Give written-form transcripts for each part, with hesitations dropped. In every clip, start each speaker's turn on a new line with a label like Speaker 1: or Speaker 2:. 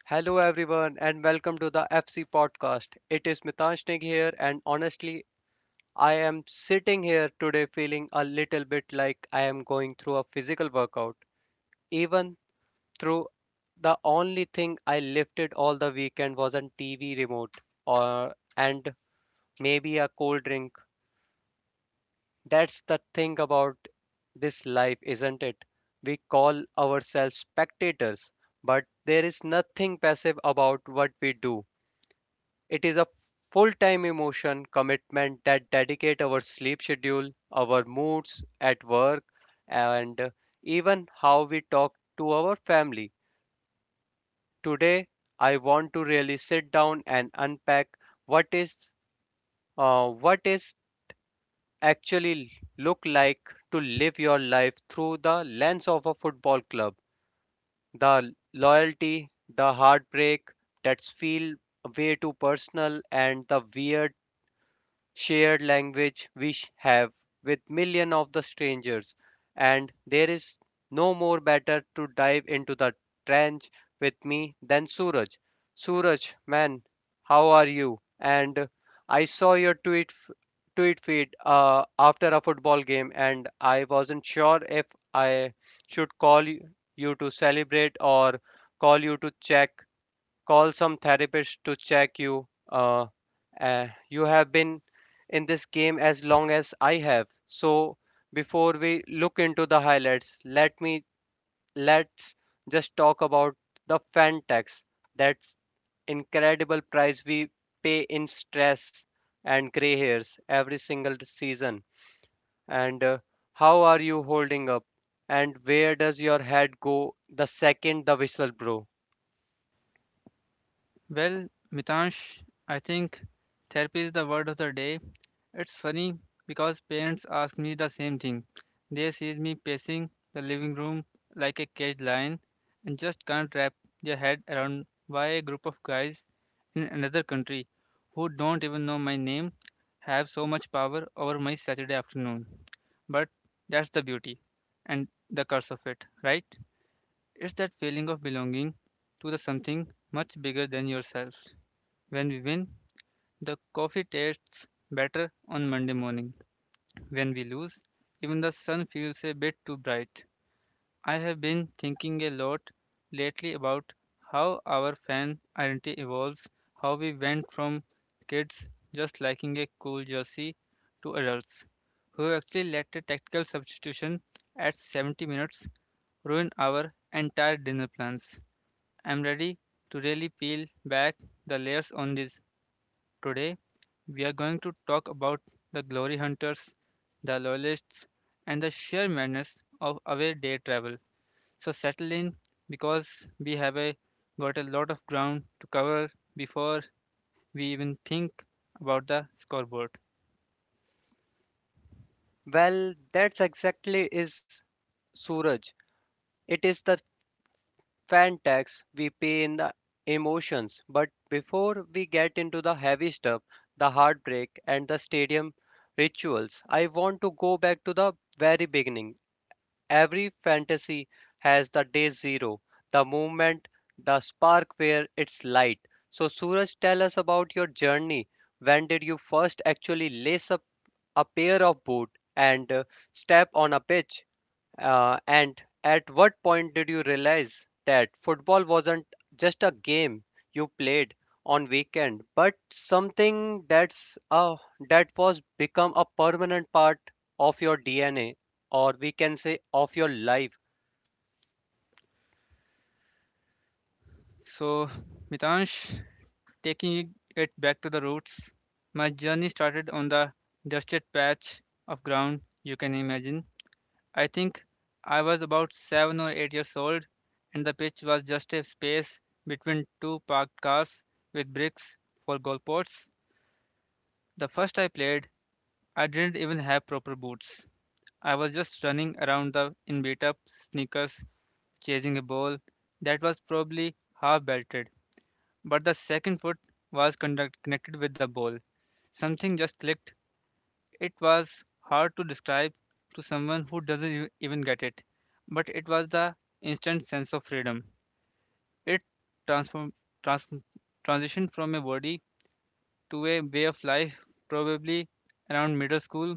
Speaker 1: Hello, everyone, and welcome to the FC podcast. It is Mitansh Neg here, and honestly, I am sitting here today feeling a little bit like I am going through a physical workout. Even through the only thing I lifted all the weekend was a TV remote or and maybe a cold drink. That's the thing about this life, isn't it? We call ourselves spectators, but there is nothing passive about what we do. It is a full-time emotion commitment that dedicate our sleep schedule, our moods at work, and even how we talk to our family. Today, I want to really sit down and unpack what is what is actually look like to live your life through the lens of a football club. The loyalty, the heartbreak that's feel way too personal and the weird shared language we have with millions of the strangers, and there is no more better to dive into the trench with me than Suraj. Suraj, man, how are you? And I saw your tweet feed after a football game, and I wasn't sure if I should call you to celebrate or call you to check call some therapist to check you. You have been in this game as long as I have. So before we look into the highlights, let's just talk about the fan tax. That's incredible price we pay in stress and gray hairs every single season. And How are you holding up? And where does your head go the second the whistle blow?
Speaker 2: Well, Mitansh, I think therapy is the word of the day. It's funny because parents ask me the same thing. They see me pacing the living room like a caged lion and just can't wrap their head around why a group of guys in another country who don't even know my name have so much power over my Saturday afternoon. But that's the beauty and the curse of it, right? It's that feeling of belonging to the something much bigger than yourself. When we win, the coffee tastes better on Monday morning. When we lose, even the sun feels a bit too bright. I have been thinking a lot lately about how our fan identity evolves, how we went from kids just liking a cool jersey to adults who actually let a tactical substitution at 70 minutes ruin our entire dinner plans. I'm ready to really peel back the layers on this. Today, we are going to talk about the glory hunters, the loyalists, and the sheer madness of away day travel. So, settle in because got a lot of ground to cover before we even think about the scoreboard.
Speaker 1: Well, that's exactly is Suraj, it is the fan tax we pay in the emotions. But before we get into the heavy stuff, the heartbreak, and the stadium rituals, I want to go back to the very beginning. Every fantasy has the day zero, the moment, the spark where it's light. So, Suraj, tell us about your journey. When did you first actually lace up a pair of boots and step on a pitch? And at what point did you realize that football wasn't just a game you played on weekend, but something that was become a permanent part of your DNA, or we can say of your life?
Speaker 2: So, Mitansh, taking it back to the roots, my journey started on the dusted patch of ground you can imagine. I think I was about 7 or 8 years old, and the pitch was just a space between two parked cars with bricks for goalposts. The first I played, I didn't even have proper boots. I was just running around the in beat up sneakers, chasing a ball that was probably half belted. But the second foot was connected with the ball. Something just clicked. It was hard to describe to someone who doesn't even get it, but it was the instant sense of freedom. It transform, trans, transitioned from a body to a way of life, probably around middle school.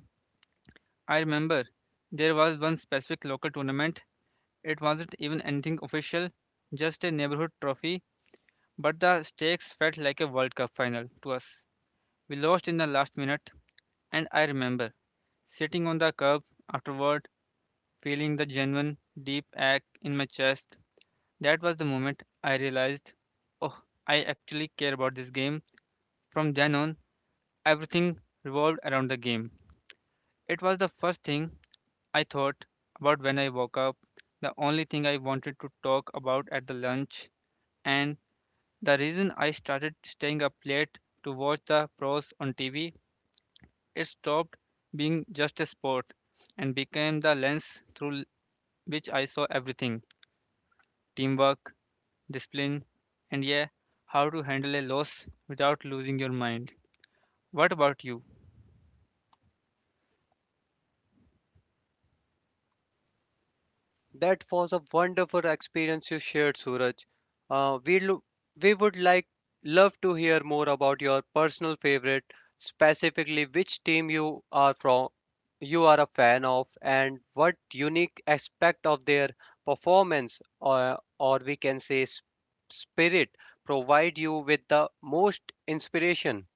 Speaker 2: I remember there was one specific local tournament. It wasn't even anything official, just a neighborhood trophy, but the stakes felt like a World Cup final to us. We lost in the last minute, and I remember sitting on the curb afterward feeling the genuine, deep ache in my chest. That was the moment I realized, oh, I actually care about this game. From then on, everything revolved around the game. It was the first thing I thought about when I woke up, the only thing I wanted to talk about at the lunch, and the reason I started staying up late to watch the pros on TV. It stopped being just a sport and became the lens through which I saw everything: teamwork, discipline, and yeah, how to handle a loss without losing your mind. What about you?
Speaker 1: That was a wonderful experience you shared, Suraj. Uh, we lo- we would love to hear more about your personal favorite, specifically which team you are from, you are a fan of, and what unique aspect of their performance, or we can say spirit, provide you with the most inspiration.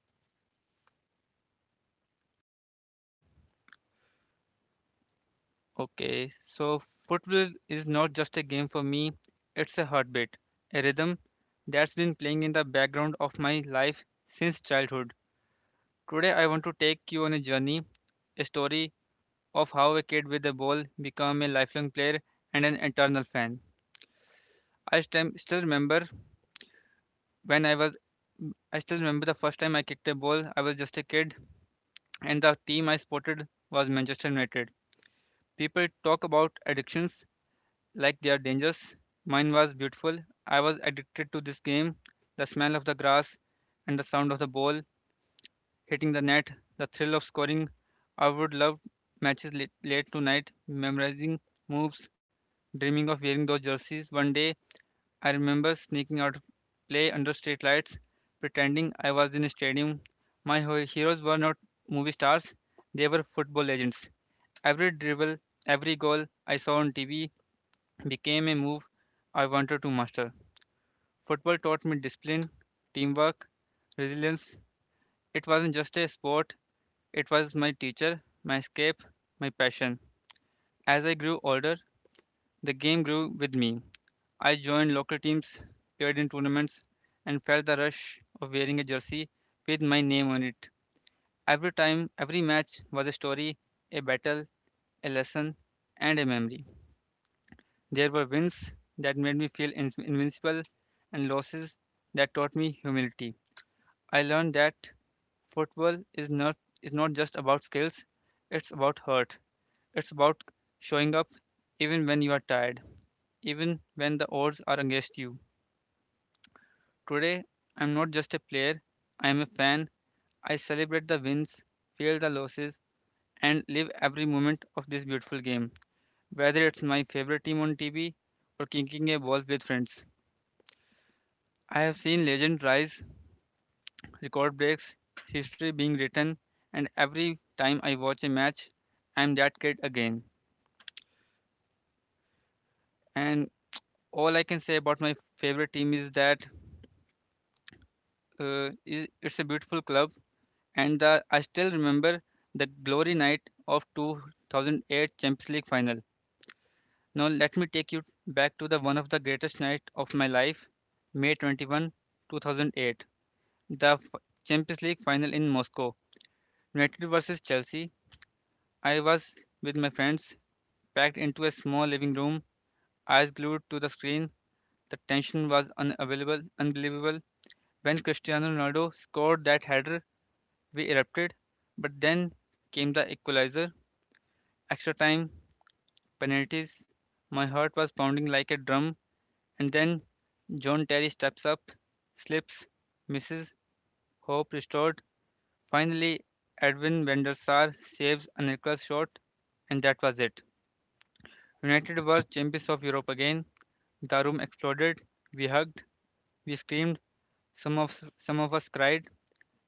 Speaker 2: Okay, so football is not just a game for me, it's a heartbeat, a rhythm that's been playing in the background of my life since childhood. Today, I want to take you on a journey, a story of how a kid with a ball became a lifelong player and an eternal fan. I stem- still remember when I was I still remember the first time I kicked a ball. I was just a kid, and the team I spotted was Manchester United. People talk about addictions like they are dangerous. Mine was beautiful. I was addicted to this game. The smell of the grass and the sound of the ball hitting the net, the thrill of scoring. I would love matches late, late tonight, memorizing moves, dreaming of wearing those jerseys. One day, I remember sneaking out of play under street lights, pretending I was in a stadium. My heroes were not movie stars, they were football legends. Every dribble, every goal I saw on TV became a move I wanted to master. Football taught me discipline, teamwork, resilience. It wasn't just a sport, it was my teacher, my escape, my passion. As I grew older, the game grew with me. I joined local teams, played in tournaments, and felt the rush of wearing a jersey with my name on it. Every time, every match was a story, a battle, a lesson, and a memory. There were wins that made me feel invincible and losses that taught me humility. I learned that football is not just about skills, it's about heart. It's about showing up even when you are tired, even when the odds are against you. Today, I'm not just a player, I'm a fan. I celebrate the wins, feel the losses, and live every moment of this beautiful game, whether it's my favorite team on TV or kicking a ball with friends. I have seen legend rise, record breaks, history being written, and every time I watch a match, I'm that kid again. And all I can say about my favorite team is that it's a beautiful club, I still remember the glory night of 2008 Champions League final. Now let me take you back to the one of the greatest night of my life, May 21, 2008, the Champions League final in Moscow, United versus Chelsea. I was with my friends, packed into a small living room, eyes glued to the screen. The tension was unbelievable. When Cristiano Ronaldo scored that header, we erupted. But then came the equalizer, extra time, penalties. My heart was pounding like a drum. And then John Terry steps up, slips, misses, hope restored. Finally, Edwin van der Sar saves a Nicholas shot, and that was it. United were champions of Europe again. The room exploded. We hugged, we screamed, some of some of us cried.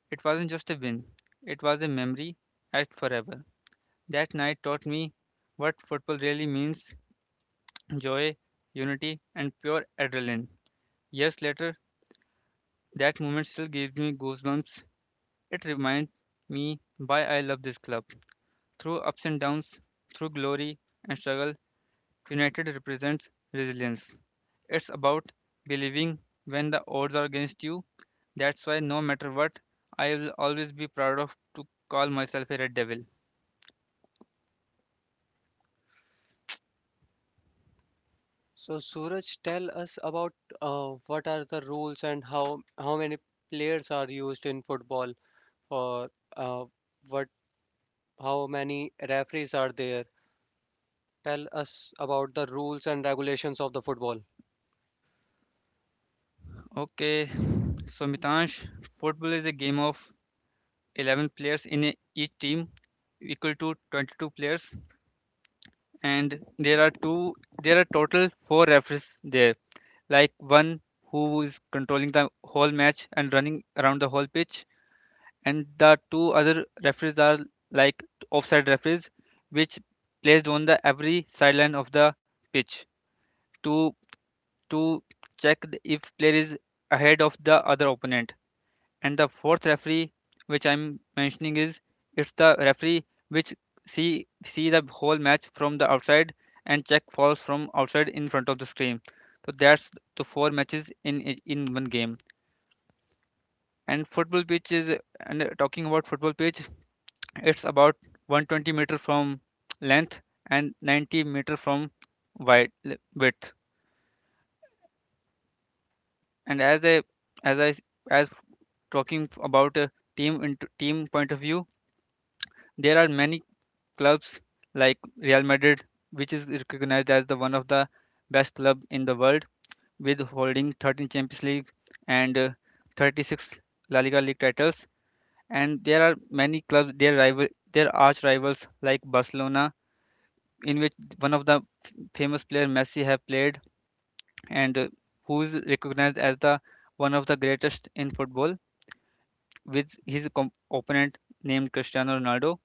Speaker 2: It wasn't just a win. It was a memory etched forever. That night taught me what football really means: joy, unity and pure adrenaline. Years later, that moment still gives me goosebumps. It reminds me why I love this club. Through ups and downs, through glory and struggle, United represents resilience. It's about believing when the odds are against you. That's why no matter what, I will always be proud of to call myself a Red Devil.
Speaker 1: So, Suraj, tell us about what are the rules and how many players are used in football. For uh, what how many referees are there? Tell us about the rules and regulations of the football.
Speaker 2: Okay, so Mitansh, football is a game of 11 players in a, each team equal to 22 players and there are total four referees there, like one who is controlling the whole match and running around the whole pitch, and the two other referees are like offside referees which placed on the every sideline of the pitch to to check if player is ahead of the other opponent. And the fourth referee, which I'm mentioning, is it's the referee which see the whole match from the outside and check falls from outside in front of the screen. So that's the four matches in in one game. And football pitch is, and talking about football pitch, it's about 120-meter from length and 90-meter from wide width. And as I s- as talking about a team into team point of view, there are many clubs like Real Madrid, which is recognized as the one of the best club in the world, with holding 13 Champions League and 36 La Liga league titles. And there are many clubs, their rival, their arch rivals like Barcelona, in which one of the famous player Messi have played, and who is recognized as the one of the greatest in football with his opponent named Cristiano Ronaldo.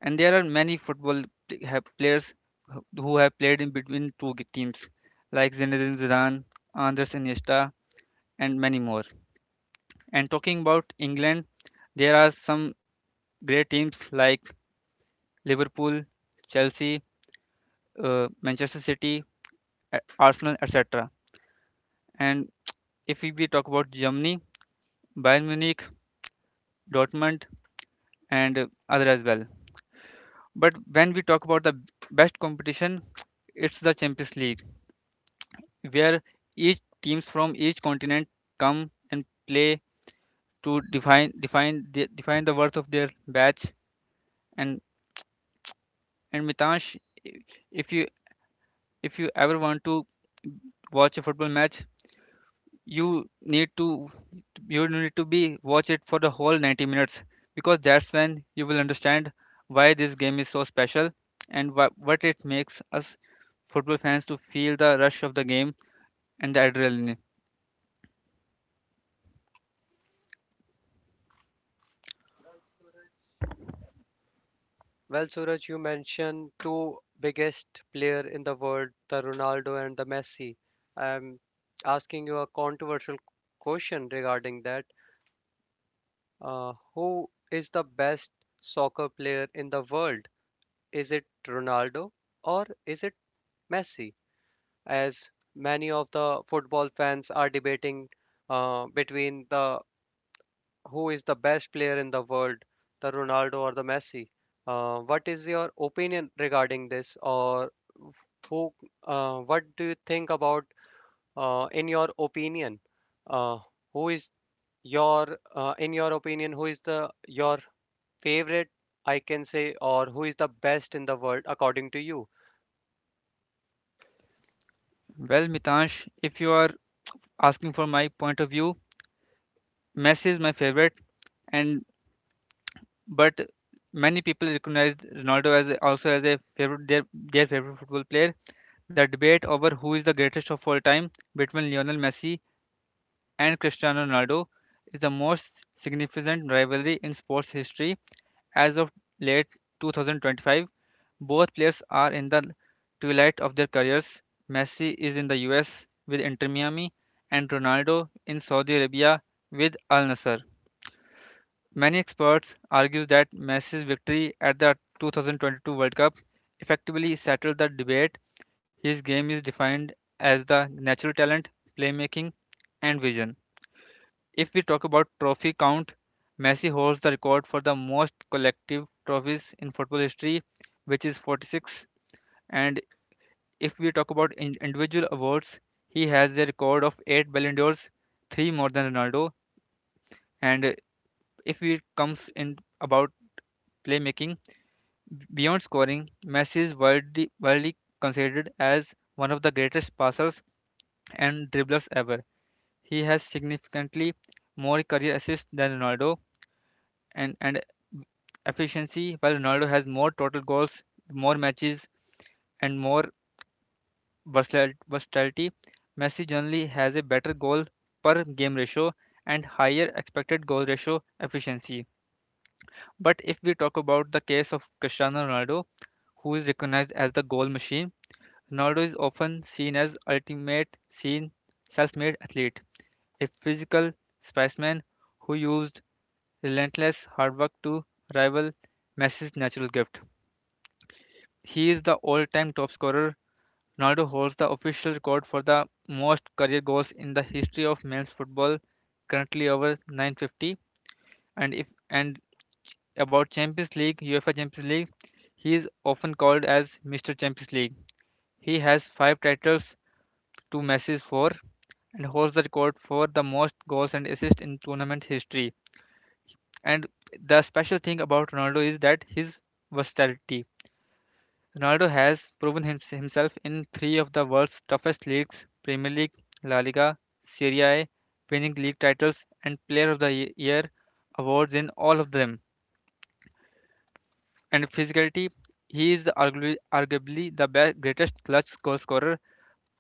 Speaker 2: And there are many football have players who have played in between two teams, like Zinedine Zidane, Andres Iniesta, and many more. And talking about England, there are some great teams like Liverpool, Chelsea, Manchester City, Arsenal, etc. And if we talk about Germany, Bayern Munich, Dortmund, and other as well. But when we talk about the best competition, it's the Champions League, where each teams from each continent come and play to define the worth of their batch. And Mitansh, if you if you ever want to watch a football match, you need to you need to be watch it for the whole 90 minutes because that's when you will understand why this game is so special and what it makes us football fans to feel the rush of the game and the adrenaline.
Speaker 1: Well, Suraj, you mentioned two biggest player in the world, the Ronaldo and the Messi. I'm asking you a controversial question regarding that. Uh, who is the best soccer player in the world? Is it Ronaldo or is it Messi? As many of the football fans are debating between the who is the best player in the world, the Ronaldo or the Messi? What is your opinion regarding this, or who? What do you think about? In your opinion, uh, who is your? In your opinion, who is the your favorite? I can say, or who is the best in the world according to you?
Speaker 2: Well, Mitansh, if you are asking for my point of view, Messi is my favorite, and but many people recognize Ronaldo as also as a favorite, their favorite football player. The debate over who is the greatest of all time between Lionel Messi and Cristiano Ronaldo is the most significant rivalry in sports history as of late 2025. Both players are in the twilight of their careers. Messi is in the US with Inter Miami and Ronaldo in Saudi Arabia with Al Nassr. Many experts argue that Messi's victory at the 2022 World Cup effectively settled the debate. His game is defined as the natural talent, playmaking, and vision. If we talk about trophy count, Messi holds the record for the most collective trophies in football history, which is 46. And if we talk about individual awards, he has a record of 8 Ballon d'Ors, 3 more than Ronaldo. And If it comes in about playmaking, beyond scoring, Messi is widely considered as one of the greatest passers and dribblers ever. He has significantly more career assists than Ronaldo and efficiency, while Ronaldo has more total goals, more matches, and more versatility. Messi generally has a better goal per game ratio and higher expected goal ratio efficiency. But if we talk about the case of Cristiano Ronaldo, who is recognized as the goal machine, Ronaldo is often seen as ultimate seen self-made athlete, a physical specimen who used relentless hard work to rival Messi's natural gift. He is the all-time top scorer. Ronaldo holds the official record for the most career goals in the history of men's football, currently over 950. And if and about Champions League, UEFA Champions League, he is often called as Mr. Champions League. He has five titles, two Messi's four, and holds the record for the most goals and assists in tournament history. And the special thing about Ronaldo is that his versatility. Ronaldo has proven himself in three of the world's toughest leagues Premier League, La Liga, Serie A, winning league titles and Player of the Year awards in all of them. And physicality, he is arguably the best, greatest clutch goal scorer,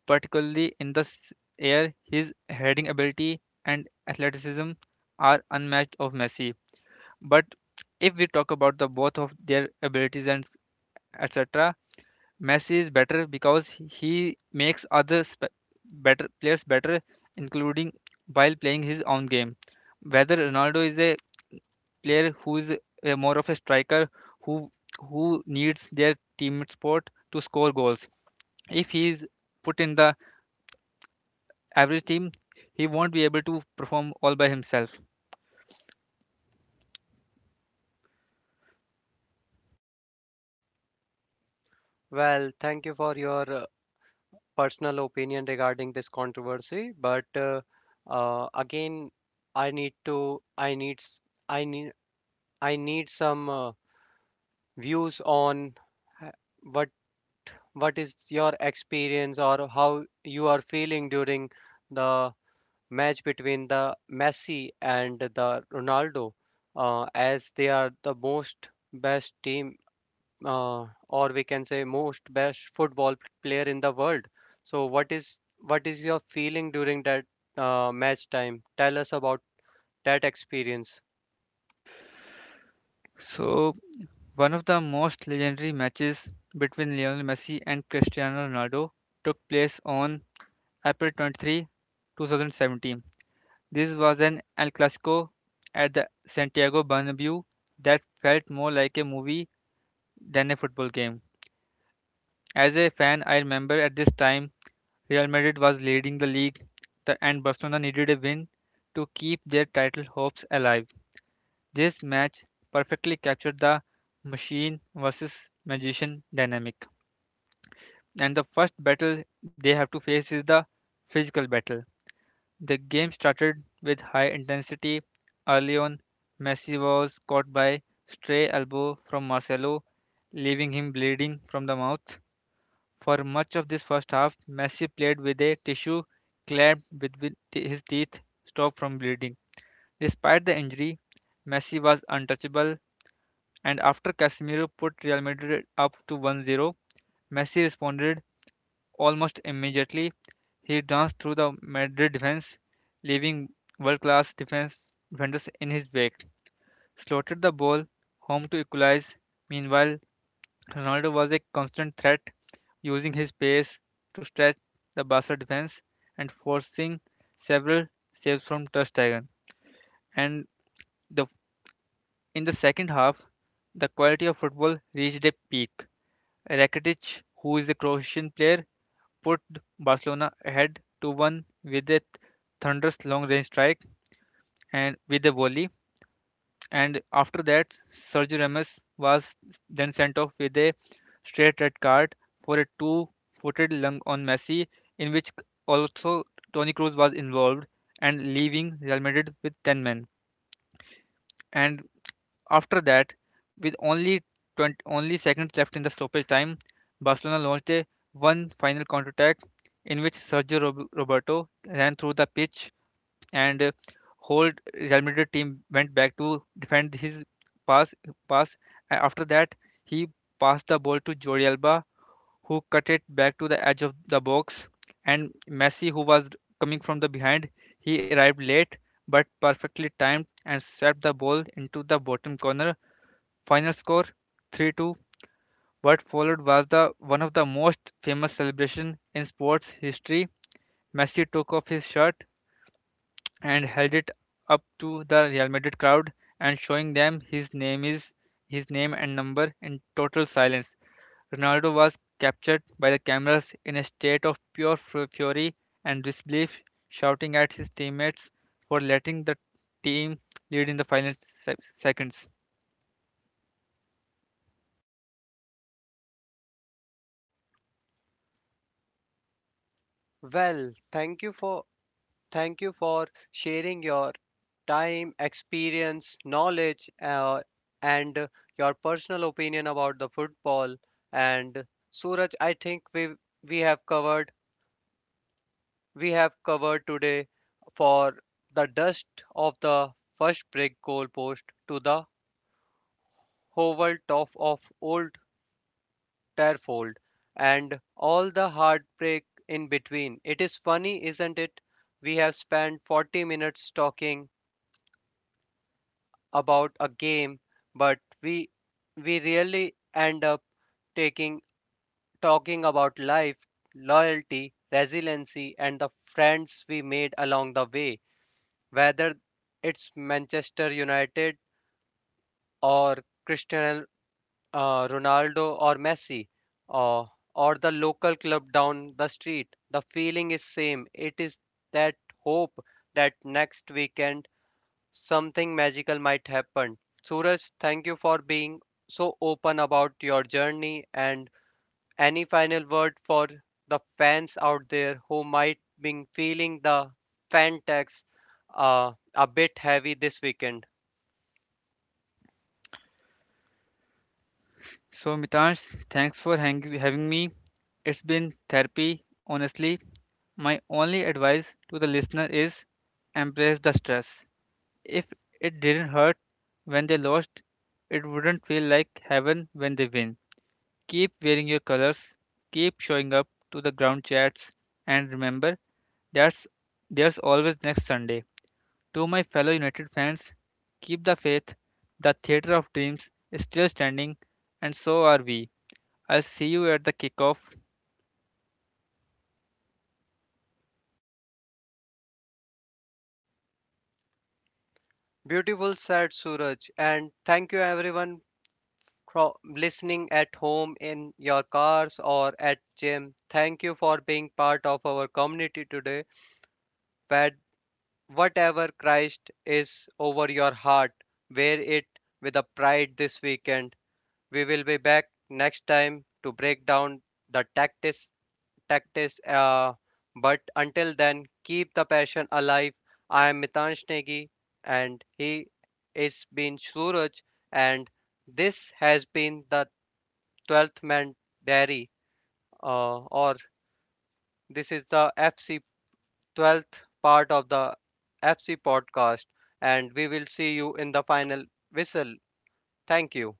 Speaker 2: particularly in the air. His heading ability and athleticism are unmatched of Messi. But if we talk about the both of their abilities and etc, Messi is better because he makes better players better, including while playing his own game. Whether Ronaldo is a player who is a more of a striker who who needs their team support to score goals. If he is put in the average team, he won't be able to perform all by himself.
Speaker 1: Well, thank you for your personal opinion regarding this controversy, but again, I need to. I needs. I need. I need some views on h- what what is your experience or how you are feeling during the match between the Messi and the Ronaldo, as they are the most best team, or we can say most best football player in the world. So what is your feeling during that match time? Tell us about that experience.
Speaker 2: So one of the most legendary matches between Lionel Messi and Cristiano Ronaldo took place on April 23, 2017. This was an El Clasico at the Santiago Bernabeu that felt more like a movie than a football game. As a fan, I remember at this time Real Madrid was leading the league, and Barcelona needed a win to keep their title hopes alive. This match perfectly captured the machine versus magician dynamic. And the first battle they have to face is the physical battle. The game started with high intensity. Early on, Messi was caught by stray elbow from Marcelo, leaving him bleeding from the mouth. For much of this first half, Messi played with a tissue clamped between his teeth, stopped from bleeding. Despite the injury, Messi was untouchable, and after Casemiro put Real Madrid up to 1-0, Messi responded almost immediately. He danced through the Madrid defense, leaving world-class defense defenders in his wake. Slotted the ball home to equalize. Meanwhile, Ronaldo was a constant threat, using his pace to stretch the Barca defense and forcing several saves from Ter Stegen. And the, in the second half, the quality of football reached a peak. Rakitic, who is a Croatian player, put Barcelona ahead 2-1 with a thunderous long-range strike and with a volley. And after that, Sergio Ramos was then sent off with a straight red card for a two-footed lung on Messi, in which also Toni Kroos was involved and leaving Real Madrid with 10 men. And after that, with only seconds left in the stoppage time, Barcelona launched a one final counterattack in which Roberto ran through the pitch, and whole Real Madrid team went back to defend his pass pass, and after that he passed the ball to Jordi Alba, who cut it back to the edge of the box, and Messi, who was coming from the behind, he arrived late but perfectly timed and swept the ball into the bottom corner. Final score 3-2. What followed was the one of the most famous celebration in sports history. Messi took off his shirt and held it up to the Real Madrid crowd and showing them his name and number in total silence. Ronaldo was captured by the cameras in a state of pure fury and disbelief, shouting at his teammates for letting the team lead in the final seconds.
Speaker 1: Well, thank you for Thank you for sharing your time, experience, knowledge, and your personal opinion about the football. And Suraj, I think we have covered we have covered today for the dust of the first brick goal post to the hovel top of old Terfold and all the heartbreak in between. It is funny, isn't it? We have spent 40 minutes talking about a game, but we really end up taking talking about life, loyalty, resiliency, and the friends we made along the way. Whether it's Manchester United or Cristiano Ronaldo or Messi, or or the local club down the street, the feeling is same. It is that hope that next weekend something magical might happen. Suraj, thank you for being so open about your journey and any final word for the fans out there who might be feeling the fan tax a bit heavy this weekend.
Speaker 2: So, Mitansh, thanks for having me. It's been therapy, honestly. My only advice to the listener is embrace the stress. If it didn't hurt when they lost, it wouldn't feel like heaven when they win. Keep wearing your colors, keep showing up to the ground chats, and remember that's there's always next Sunday. To my fellow United fans, keep the faith. The theater of dreams is still standing, and so are we. I'll see you at the kickoff
Speaker 1: Beautiful said Suraj, and thank you everyone for listening at home in your cars or at gym. Thank you for being part of our community today where whatever Christ is over your heart, wear it with a pride this weekend. We will be back next time to break down the tactics. Tactics But until then, keep the passion alive. I am Mitansh Negi and he is been Suraj and this has been the 12th Man Diary or this is the FC 12th part of the FC podcast, and we will see you in the final whistle. Thank you.